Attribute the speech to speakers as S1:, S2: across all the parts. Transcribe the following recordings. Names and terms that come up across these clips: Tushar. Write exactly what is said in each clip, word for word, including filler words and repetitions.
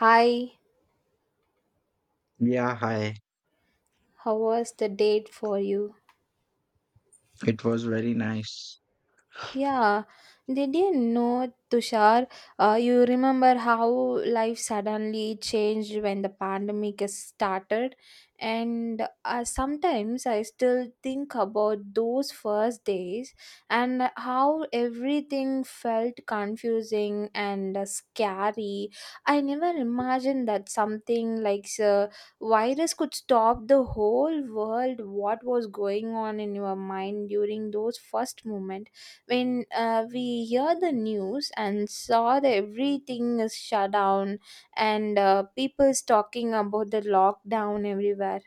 S1: Hi,
S2: Yeah, hi.
S1: how was the date for you?
S2: It was very nice.
S1: Yeah, did you know, Tushar? Uh, you remember how life suddenly changed when the pandemic has started, and uh, sometimes I still think about those first days and how everything felt confusing and uh, scary. I never imagined that something like a virus could stop the whole world. What was going on in your mind during those first moments when uh, we hear the news and saw that everything is shut down and uh, people's talking about the lockdown everywhere.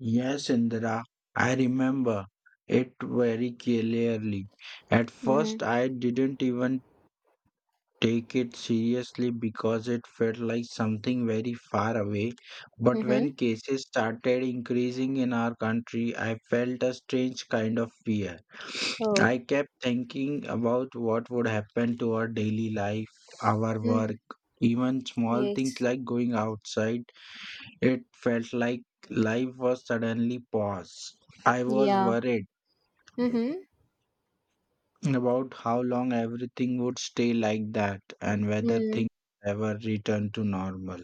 S2: Yes, Indira, I remember it very clearly. At
S1: Mm-hmm.
S2: first, I didn't even take it seriously because it felt like something very far away. But when
S1: Mm-hmm.
S2: cases started increasing in our country, I felt a strange kind of fear. I
S1: Oh.
S2: kept thinking about what would happen to our daily life, our work,
S1: Mm.
S2: even small things
S1: Yes.
S2: like going outside. It felt like life was suddenly paused. I was
S1: Yeah.
S2: worried
S1: Mm-hmm.
S2: about how long everything would stay like that and whether
S1: Mm-hmm.
S2: things ever return to normal.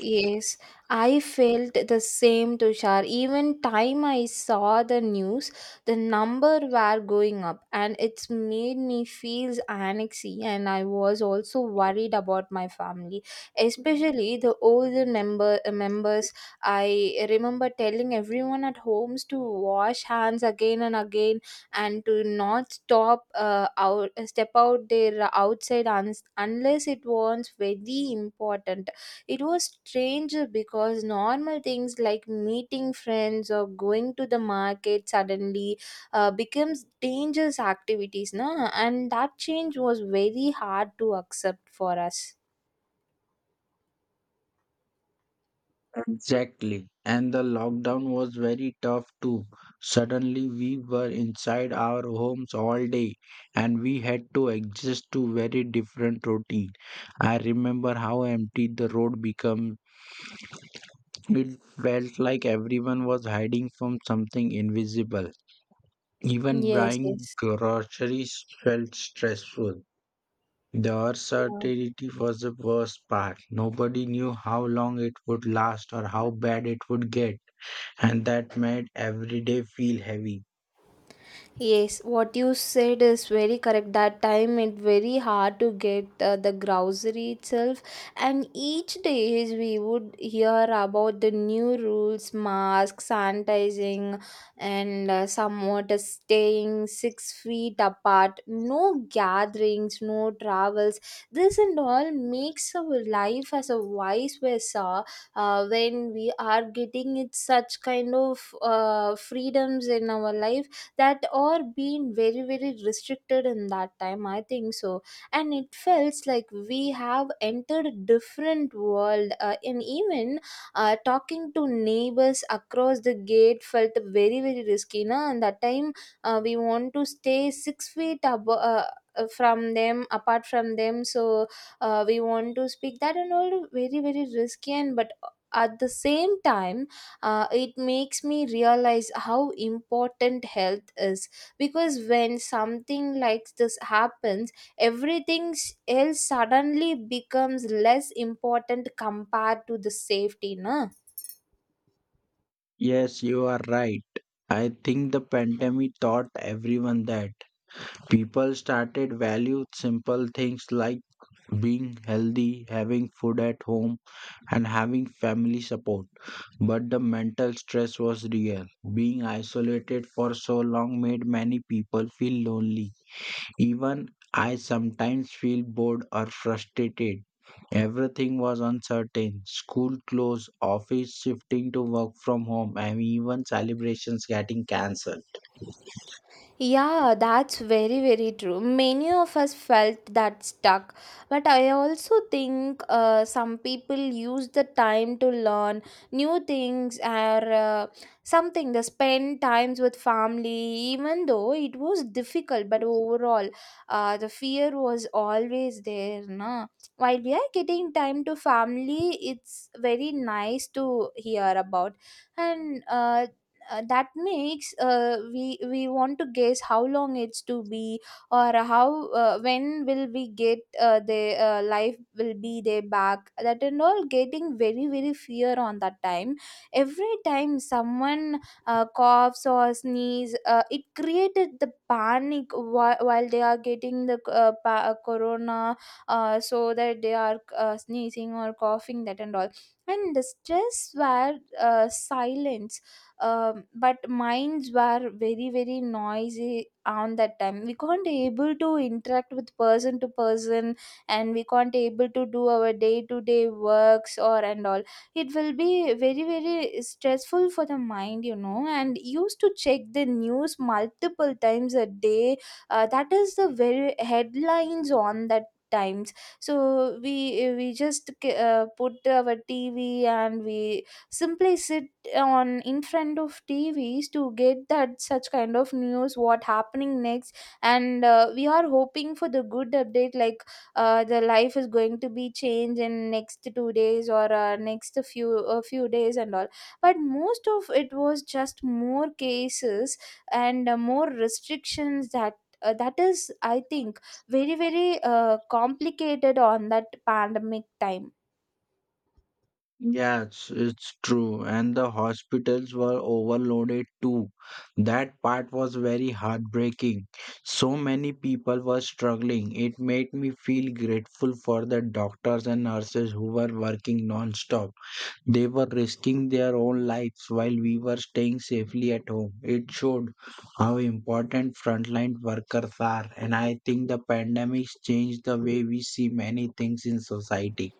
S1: Yes, I felt the same, Tushar. Even time I saw the news, the number were going up, and it's made me feel anxiety. And I was also worried about my family, especially the older member uh, members. I remember telling everyone at homes to wash hands again and again, and to not stop uh, out step out there outside un- unless it was very important. It was strange because normal things like meeting friends or going to the market suddenly uh, becomes dangerous activities, na? And that change was very hard to accept for us.
S2: Exactly. And the lockdown was very tough too. Suddenly we were inside our homes all day and we had to adjust to very different routine. I remember how empty the road became. It felt like everyone was hiding from something invisible. Even
S1: Yes,
S2: buying
S1: yes.
S2: groceries felt stressful. The uncertainty was the worst part. Nobody knew how long it would last or how bad it would get, and that made every day feel heavy.
S1: Yes, what you said is very correct. That time it very hard to get uh, the grocery itself, and each day is we would hear about the new rules, mask, sanitizing, and uh, somewhat uh, staying six feet apart. No gatherings, no travels. This and all makes our life as a vice versa. Uh, when we are getting it such kind of uh, freedoms in our life that are being very very restricted in that time I think so, and it feels like we have entered a different world, uh, and even uh, talking to neighbors across the gate felt very very risky, na? And that time, uh, we want to stay six feet above, uh, uh, from them, apart from them, so uh, we want to speak that and all, very very risky, and but at the same time, uh, it makes me realize how important health is, because when something like this happens, everything s- else suddenly becomes less important compared to the safety, na.
S2: Yes, you are right. I think the pandemic taught everyone that people started value simple things like being healthy, having food at home, and having family support. But the mental stress was real. Being isolated for so long made many people feel lonely. Even I sometimes feel bored or frustrated. Everything was uncertain. School closed, office shifting to work from home, and even celebrations getting cancelled.
S1: Yeah, that's very, very true. Many of us felt that stuck. But I also think uh, some people use the time to learn new things, or uh, something, they spend times with family, even though it was difficult. But overall, uh, the fear was always there. Na? While we are getting time to family, it's very nice to hear about. And uh, uh, that makes uh, we we want to guess how long it's to be, or how uh, when will we get uh, the uh, life will be there back, that and all getting very very fear on that time. Every time someone uh, coughs or sneeze, uh, it created the panic, whi- while they are getting the uh, pa- uh, corona, uh, so that they are uh, sneezing or coughing that and all, and the stress were uh, silent, um, but minds were very very noisy on that time. We can't able to interact with person to person, and we can't able to do our day to day works or and all. It will be very very stressful for the mind, you know, and used to check the news multiple times a day. Uh, that is the very headlines on that times, so we we just uh, put our tv and we simply sit on in front of tvs to get that such kind of news what happening next. And uh, we are hoping for the good update, like uh, the life is going to be changed in next two days, or uh, next few a few days and all. But most of it was just more cases, and uh, more restrictions that uh, that is I think very very uh, complicated on that pandemic time.
S2: Yeah, it's, it's true. And the hospitals were overloaded too. That part was very heartbreaking. So many people were struggling. It made me feel grateful for the doctors and nurses who were working non-stop. They were risking their own lives while we were staying safely at home. It showed how important frontline workers are. And I think the pandemic changed the way we see many things in society.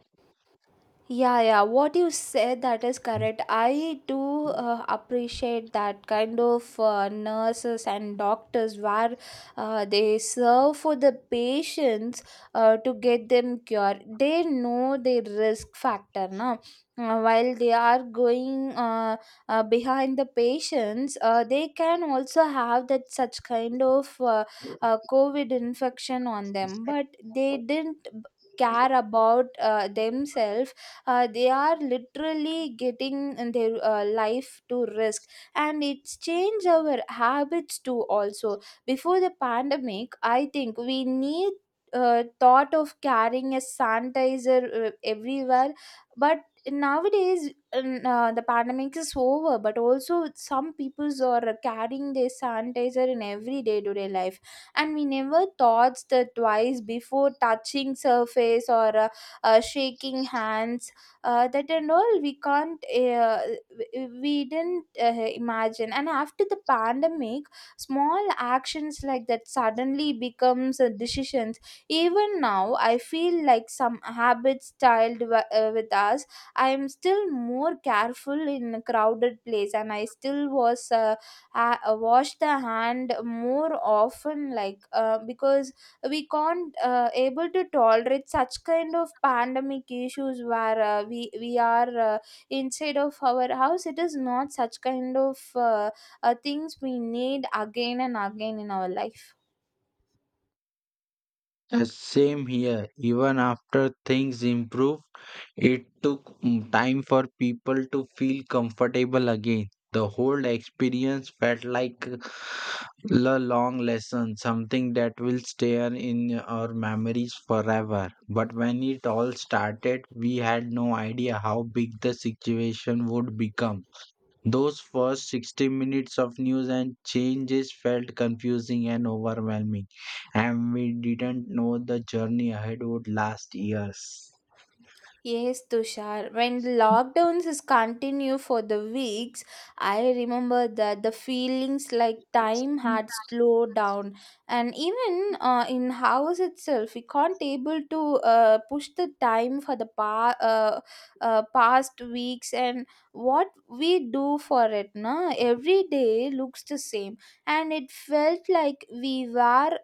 S1: Yeah, yeah, what you said that is correct. I do uh, appreciate that kind of uh, nurses and doctors where uh, they serve for the patients uh, to get them cured. They know the risk factor now, while they are going uh, uh, behind the patients. Uh, they can also have that such kind of uh, uh, COVID infection on them, but they didn't b- care about uh, themselves. Uh, they are literally getting uh, their uh, life to risk, and it's changed our habits too also. Before the pandemic I think we need uh, thought of carrying a sanitizer uh, everywhere. But nowadays, n- uh, the pandemic is over, but also some peoples are carrying their sanitizer in every day-to-day life, and we never thought that twice before touching surface or uh, uh, shaking hands. Uh, that and all, we can't uh, w- we didn't uh, imagine, and after the pandemic small actions like that suddenly becomes uh, decisions. Even now I feel like some habits styled w- uh, with us. I am still more careful in a crowded place, and I still was uh, ha- wash the hand more often, like, uh, because we can't uh, able to tolerate such kind of pandemic issues where uh, we we are uh, inside of our house. It is not such kind of uh, uh, things we need again and again in our life.
S2: Uh, Same here. Even after things improved, it took mm, time for people to feel comfortable again. The whole experience felt like a long lesson, something that will stay on in our memories forever. But when it all started, we had no idea how big the situation would become. Those first sixty minutes of news and changes felt confusing and overwhelming, and we didn't know the journey ahead would last years.
S1: Yes, Tushar. When lockdowns is continue for the weeks, I remember that the feelings like time had slowed down, and even uh, in house itself, we can't able to uh, push the time for the pa- uh, uh, past weeks and what we do for it. Na, every day looks the same, and it felt like we were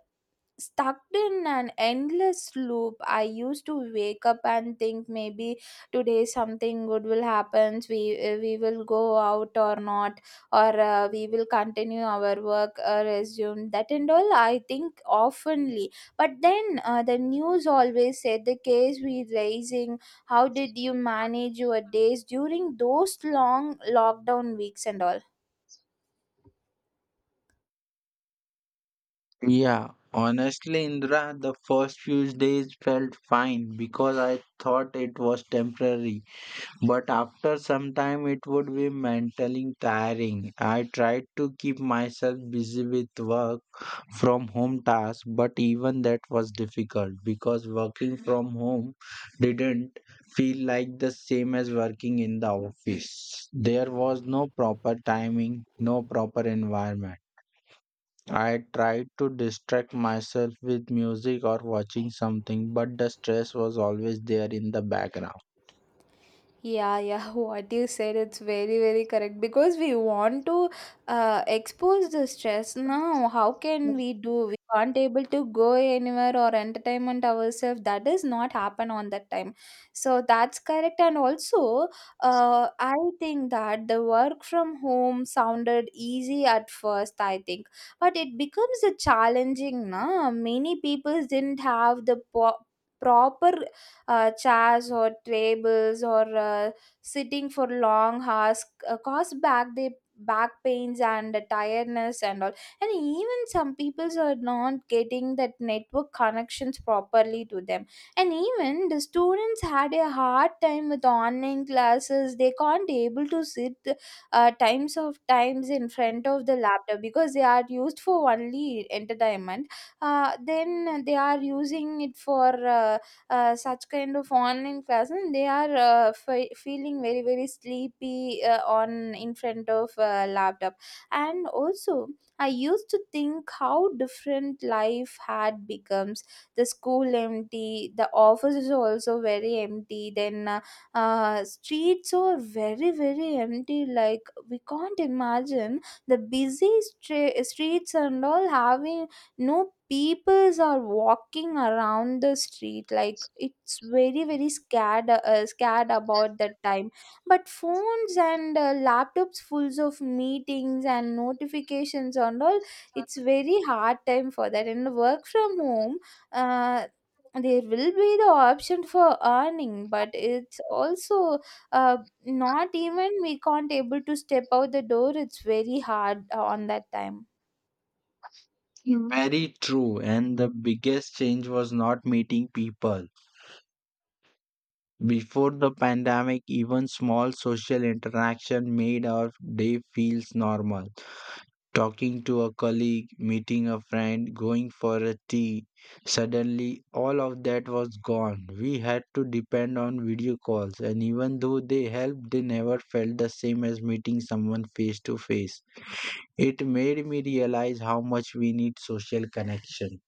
S1: stuck in an endless loop. I used to wake up and think maybe today something good will happen. We uh, we will go out or not, or uh, we will continue our work, uh, resume that and all. I think oftenly, but then uh, the news always said the case we raising. How did you manage your days during those long lockdown weeks and all?
S2: Yeah, honestly, Indra, the first few days felt fine because I thought it was temporary. But after some time, it would be mentally tiring. I tried to keep myself busy with work from home task, but even that was difficult because working from home didn't feel like the same as working in the office. There was no proper timing, no proper environment. I tried to distract myself with music or watching something, but the stress was always there in the background.
S1: Yeah, yeah, what you said, it's very, very correct because we want to uh, expose the stress now. How can we do? We can't able to go anywhere or entertainment ourselves. That does not happen on that time. So that's correct. And also, uh, I think that the work from home sounded easy at first, I think, but it becomes a challenging now. Many people didn't have the po- proper uh, chairs or tables, or uh, sitting for long hours, uh, cause back they back pains and tiredness and all. And even some peoples are not getting that network connections properly to them, and even the students had a hard time with online classes. They can't able to sit uh, times of times in front of the laptop because they are used for only entertainment, uh, then they are using it for uh, uh, such kind of online class, and they are uh, fe feeling very very sleepy uh, on in front of uh, laptop. And also I used to think how different life had becomes. The school empty, the office is also very empty, then uh, uh, streets are very very empty, like we can't imagine the busy stra- streets and all, having no peoples are walking around the street. Like it's very very scared, uh, scared about that time. But phones and uh, laptops fulls of meetings and notifications and all, it's very hard time for that. And work from home, uh, there will be the option for earning, but it's also uh, not even we can't able to step out the door. It's very hard uh, on that time.
S2: Very true, and the biggest change was not meeting people. Before the pandemic, even small social interaction made our day feels normal. Talking to a colleague, meeting a friend, going for a tea. Suddenly, all of that was gone. We had to depend on video calls, and even though they helped, they never felt the same as meeting someone face to face. It made me realize how much we need social connection.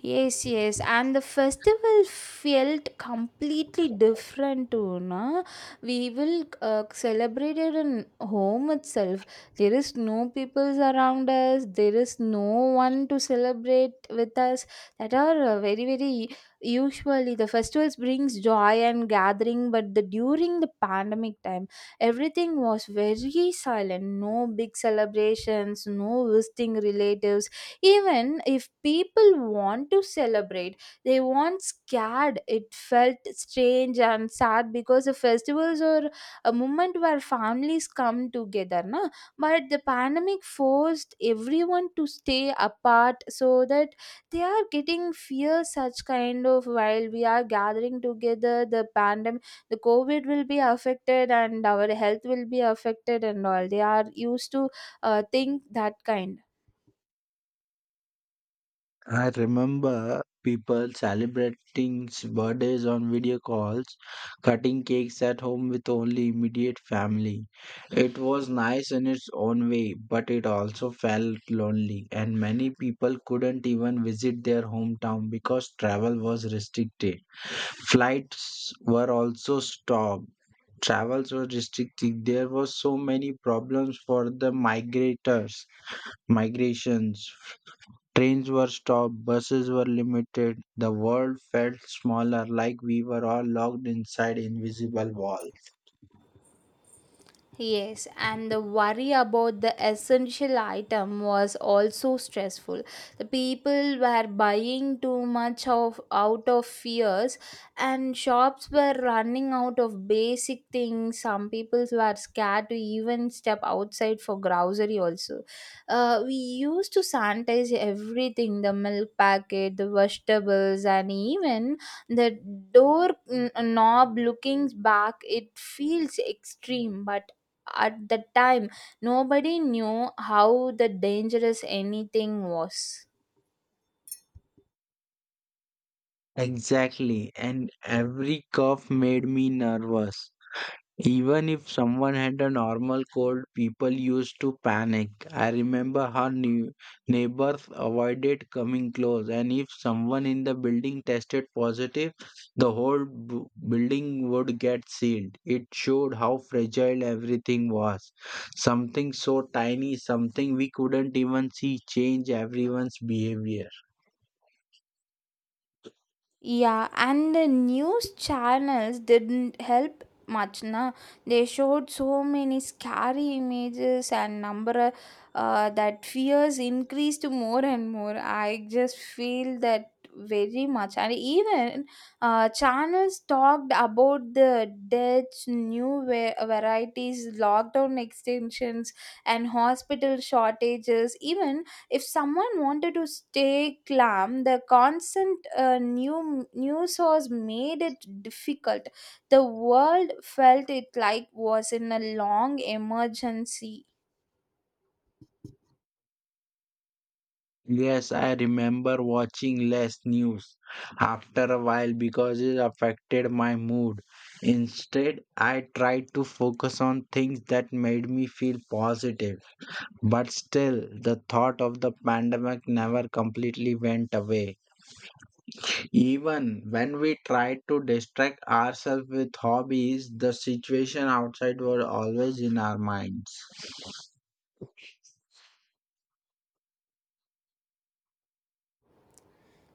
S1: Yes, yes, and the festival felt completely different too. No? We will uh, celebrate it in home itself. There is no peoples around us. There is no one to celebrate with us. That are uh, very, very usually the festivals brings joy and gathering. But the during the pandemic time, everything was very silent. No big celebrations. No visiting relatives. Even if people want to celebrate, they weren't scared. It felt strange and sad because the festivals are a moment where families come together. Na? But the pandemic forced everyone to stay apart, so that they are getting fear such kind of while we are gathering together the pandemic, the covid will be affected and our health will be affected and all. They are used to uh, think that kind.
S2: I remember people celebrating birthdays on video calls, cutting cakes at home with only immediate family. It was nice in its own way, but it also felt lonely, and many people couldn't even visit their hometown because travel was restricted. Flights were also stopped. Travels were restricted. There were so many problems for the migrators, migrations. Trains were stopped, buses were limited, the world felt smaller, like we were all locked inside invisible walls.
S1: Yes, and the worry about the essential item was also stressful. The people were buying too much of out of fears, and shops were running out of basic things. Some people were scared to even step outside for grocery also. Uh, we used to sanitize everything, the milk packet, the vegetables, and even the door n- knob. Looking back it feels extreme, but at the time nobody knew how the dangerous anything was.
S2: Exactly, and every curve made me nervous. Even if someone had a normal cold, people used to panic. I remember how new neighbors avoided coming close, and if someone in the building tested positive, the whole bu- building would get sealed. It showed how fragile everything was. Something so tiny, something we couldn't even see, changed everyone's behavior.
S1: Yeah, and the news channels didn't help much. Na. They showed so many scary images and number uh, that fears increased more and more. I just feel that very much. And even uh, channels talked about the deaths, new va- varieties, lockdown extensions, and hospital shortages. Even if someone wanted to stay calm, the constant uh, new news source made it difficult. The world felt it like was in a long emergency.
S2: Yes, I remember watching less news after a while because it affected my mood. Instead, I tried to focus on things that made me feel positive. But still, the thought of the pandemic never completely went away. Even when we tried to distract ourselves with hobbies, the situation outside was always in our minds.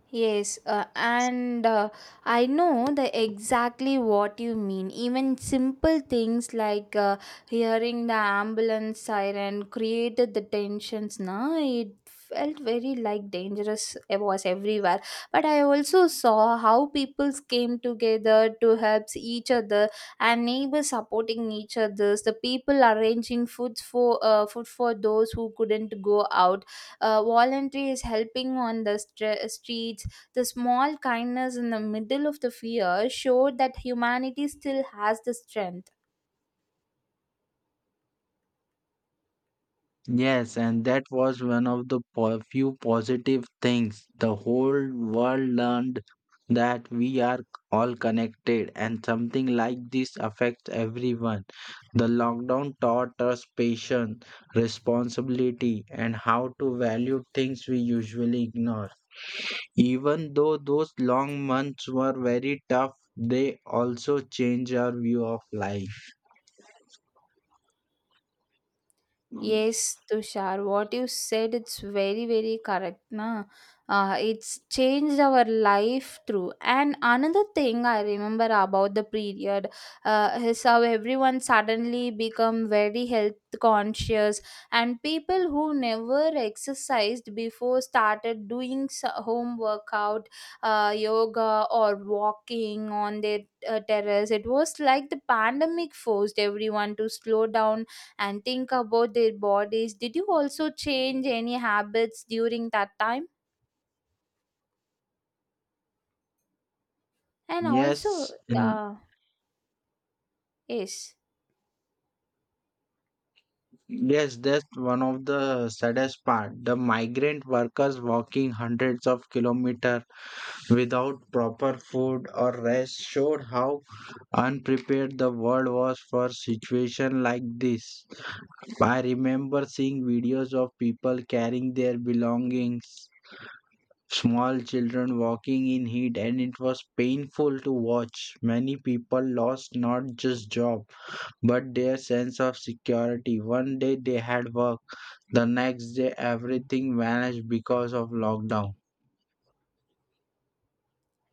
S1: Yes, uh, and uh, I know the exactly what you mean. Even simple things like uh, hearing the ambulance siren created the tensions. Na, it felt very like dangerous. It was everywhere. But I also saw how people came together to help each other, and neighbors supporting each others. The people arranging food for uh, food for those who couldn't go out, uh, voluntary is helping on the stre- streets, the small kindness in the middle of the fear showed that humanity still has the strength.
S2: Yes, and that was one of the po- few positive things. The whole world learned that we are all connected, and something like this affects everyone. The lockdown taught us patience, responsibility, and how to value things we usually ignore. Even though those long months were very tough, they also change our view of life.
S1: Yes, Tushar, what you said, it's very, very correct. Na? Uh, it's changed our life through. And another thing I remember about the period uh, is how everyone suddenly become very health conscious, and people who never exercised before started doing s- home workout, uh, yoga, or walking on their uh, terrace. It was like the pandemic forced everyone to slow down and think about their bodies. Did you also change any habits during that time? And also,
S2: Yes,
S1: uh, yes.
S2: yes, that's one of the saddest part. The migrant workers walking hundreds of kilometers without proper food or rest showed how unprepared the world was for situation like this. I remember seeing videos of people carrying their belongings, small children walking in heat, and it was painful to watch. Many people lost not just job but their sense of security. One day they had work, the next day everything vanished because of lockdown.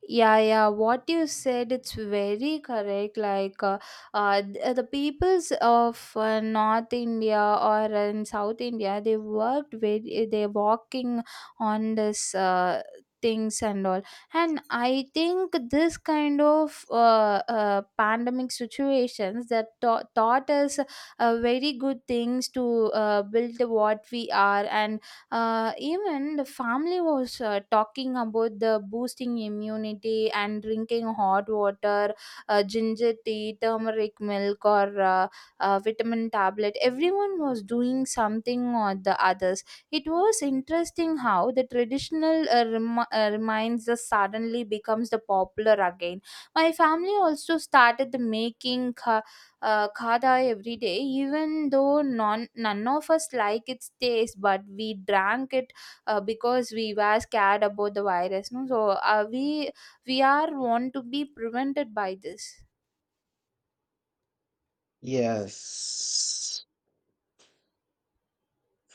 S1: Yeah, yeah, what you said, it's very correct. Like, uh, uh, th- uh, the peoples of uh, North India or in South India, they worked very, they're walking on this, uh, things and all. And I think this kind of uh, uh, pandemic situations that taught taught us uh, very good things to uh, build what we are. And uh, even the family was uh, talking about the boosting immunity and drinking hot water, uh, ginger tea, turmeric milk, or uh, uh, vitamin tablet. Everyone was doing something or the others. It was interesting how the traditional uh, rem- uh, reminds us suddenly becomes the popular again. My family also started the making uh, uh, khada every day, even though non, none of us like its taste, but we drank it uh, because we were scared about the virus. No? So uh, we we are want to be prevented by this.
S2: Yes.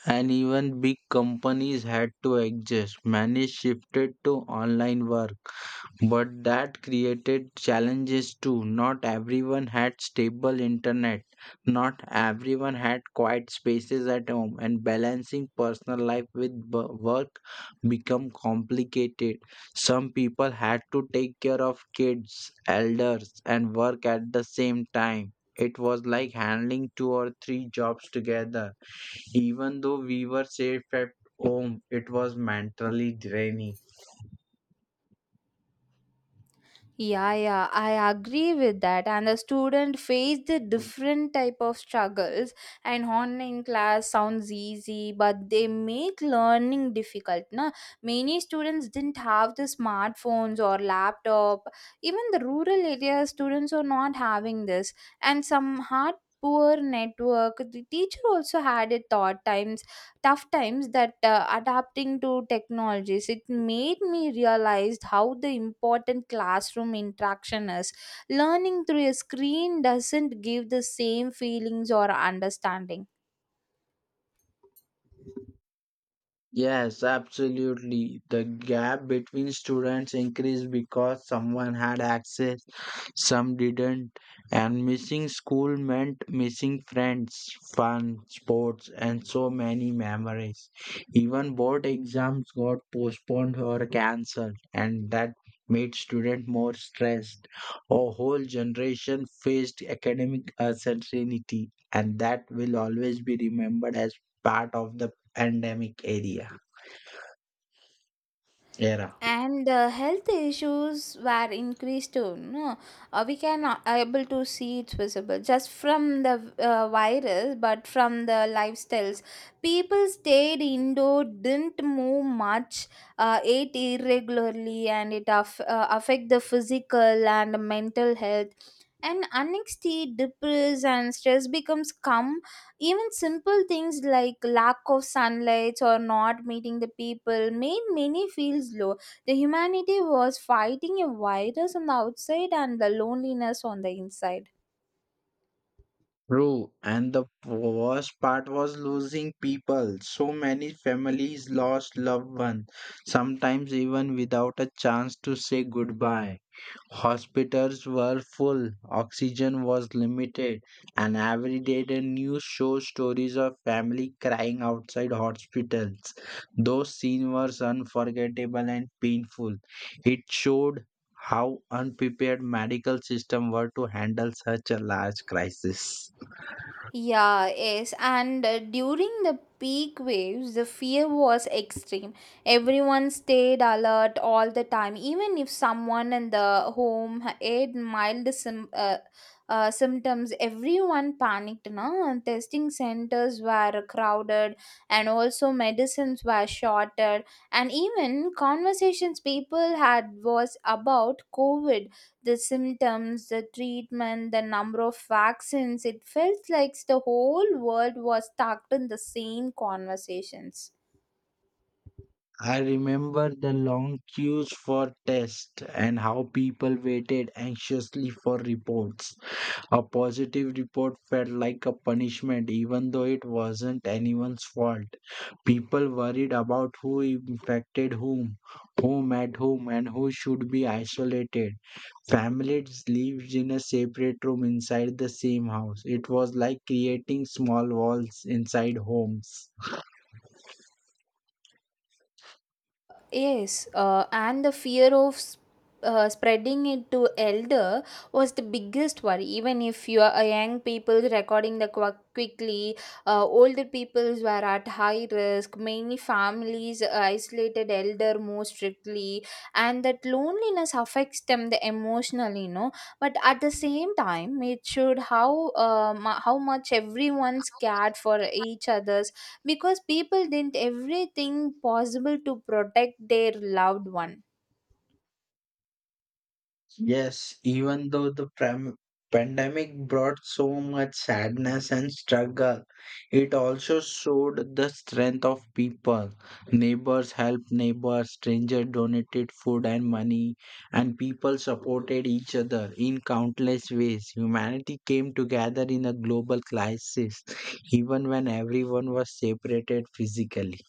S2: And even big companies had to adjust. Many shifted to online work. But that created challenges too. Not everyone had stable internet, not everyone had quiet spaces at home, and balancing personal life with b- work become complicated. Some people had to take care of kids, elders, and work at the same time. It was like handling two or three jobs together. Even though we were safe at home, it was mentally draining.
S1: Yeah, yeah, I agree with that. And the student face the different type of struggles. And online class sounds easy, but they make learning difficult. Na? Many students didn't have the smartphones or laptop. Even the rural area students are not having this. And some hard poor network. The teacher also had a thought time tough times that uh, adapting to technologies it made me realize how the important classroom interaction is. Learning through a screen doesn't give the same feelings or understanding.
S2: Yes, absolutely. The gap between students increased because someone had access, some didn't, and missing school meant missing friends, fun, sports, and so many memories. Even board exams got postponed or cancelled, and that made students more stressed. A whole generation faced academic uncertainty, and that will always be remembered as part of the pandemic area era.
S1: And uh, health issues were increased too, no? Uh, we can uh, able to see it's visible just from the uh, virus but from the lifestyles. People stayed indoor, didn't move much, uh, ate irregularly, and it aff- uh, affect the physical and mental health. And anxiety, depress, and stress becomes come. Even simple things like lack of sunlight or not meeting the people made many feel low. The humanity was fighting a virus on the outside and the loneliness on the inside.
S2: True, and the worst part was losing people. So many families lost loved ones, sometimes even without a chance to say goodbye. Hospitals were full, oxygen was limited, and every day the news shows stories of family crying outside hospitals. Those scenes were unforgettable and painful. It showed how unprepared medical system were to handle such a large crisis.
S1: Yeah, yes, and uh, during the peak waves, the fear was extreme. Everyone stayed alert all the time, even if someone in the home had mild sim- uh, uh, symptoms. Everyone panicked, no? And testing centers were crowded, and also medicines were shorted, and even conversations people had was about COVID, the symptoms, the treatment, the number of vaccines. It felt like the whole world was stuck in the same conversations.
S2: I remember the long queues for tests and how people waited anxiously for reports. A positive report felt like a punishment, even though it wasn't anyone's fault. People worried about who infected whom, who met whom, and who should be isolated. Families lived in a separate room inside the same house. It was like creating small walls inside homes.
S1: Yes, uh, and the fear of s- uh, spreading it to elder was the biggest worry. Even if you are a young people recording the qu- quickly, uh, older peoples were at high risk. Many families isolated elder more strictly, and that loneliness affects them the emotionally. No, but at the same time, it showed how uh, mu- how much everyone's cared for each other, because people did everything possible to protect their loved one.
S2: Yes, even though the pram- pandemic brought so much sadness and struggle, it also showed the strength of people. Neighbors helped neighbors, strangers donated food and money, and people supported each other in countless ways. Humanity came together in a global crisis, even when everyone was separated physically.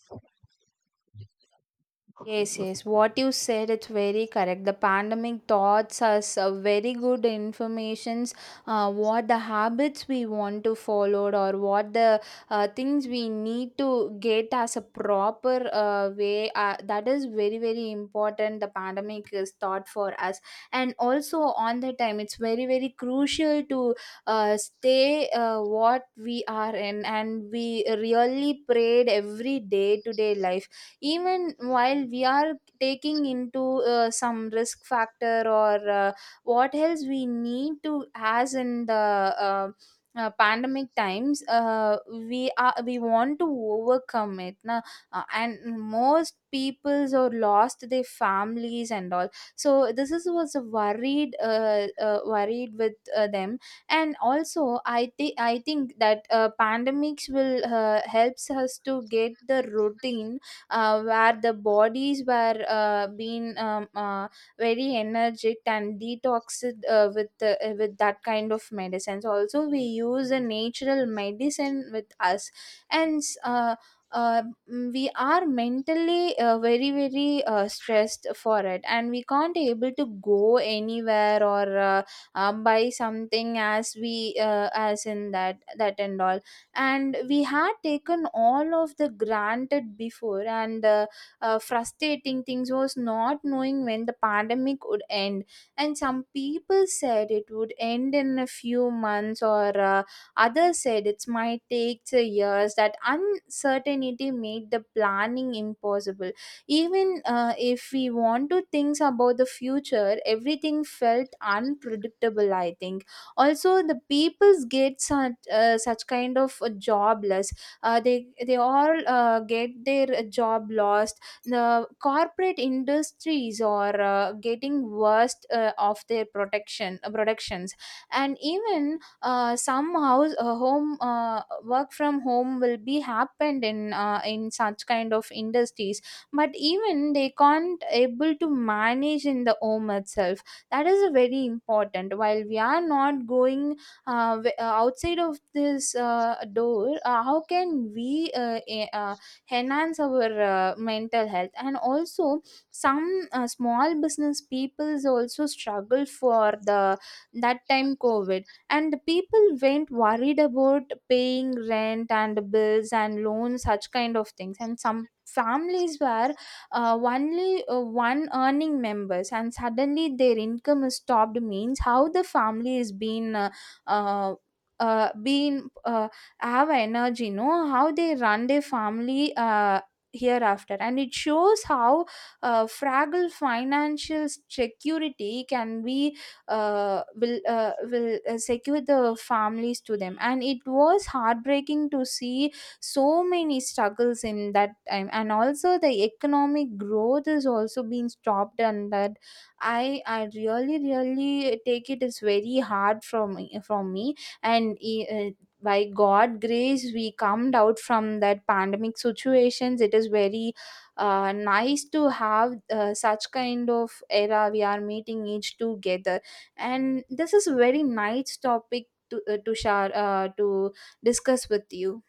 S1: Yes, yes. What you said, it's very correct. The pandemic taught us a very good informations. Uh, what the habits we want to follow, or what the uh, things we need to get as a proper uh, way. Uh, that is very very important. The pandemic is taught for us, and also on the time, it's very very crucial to uh, stay uh, what we are in, and we really prayed every day to day life, even while we are taking into uh, some risk factor, or uh, what else we need to as in the uh, uh, pandemic times. Uh, we are we want to overcome it, na? Uh, and most peoples or lost their families and all, so this is was a worried, uh, uh, worried with uh, them. And also i think i think that uh, pandemics will uh, helps us to get the routine uh, where the bodies were uh, being um, uh, very energetic and detoxed uh, with the, uh, with that kind of medicines. Also, we use a natural medicine with us, and s- uh, uh, mm, we are mentally uh, very very uh, stressed for it, and we can't able to go anywhere or uh, uh, buy something as we uh, as in that that and all. And we had taken all of the granted before, and uh, uh, frustrating things was not knowing when the pandemic would end. And some people said it would end in a few months, or uh, others said it might take the years. That uncertainty made the planning impossible. Even uh, if we want to think about the future, everything felt unpredictable. I think also the peoples get such, uh, such kind of uh, jobless. Uh, they they all uh, get their uh, job lost. The corporate industries are uh, getting worst uh, of their protection, uh, productions. And even uh, some house uh, home uh, work from home will be happened in uh, in such kind of industries, but even they can't able to manage in the home itself. That is very important. While we are not going uh, w- uh, outside of this uh, door, uh, how can we uh, e- uh, enhance our uh, mental health? And also some uh, small business peoples also struggle for the that time COVID, and the people went worried about paying rent and bills and loans, such kind of things. And some families were uh, only uh, one earning members, and suddenly their income is stopped. Means how the family is being uh, uh, uh, being uh, have energy, know how they run their family uh, hereafter. And it shows how uh, fragile financial security can be, uh, will uh, will uh, secure the families to them. And it was heartbreaking to see so many struggles in that time. And also the economic growth is also being stopped, and that i i really really take it as very hard from from me. And e, uh, by god grace we come out from that pandemic situations. It is very uh, nice to have uh, such kind of era we are meeting each together, and this is a very nice topic to uh, to share, uh, to discuss with you.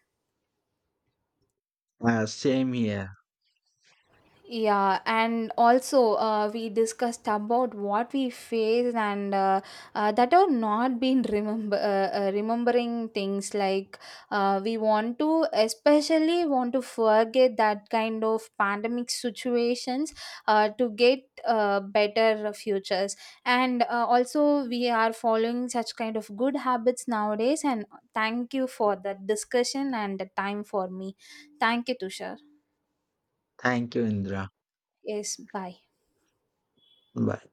S2: Uh, same here.
S1: Yeah, and also uh, we discussed about what we faced, and uh, uh, that are not been remember, uh, uh, remembering things like uh, we want to especially want to forget that kind of pandemic situations uh, to get uh, better futures. And uh, also we are following such kind of good habits nowadays. And thank you for the discussion and the time for me. Thank you, Tushar.
S2: Thank you, Indra.
S1: Yes, bye.
S2: Bye.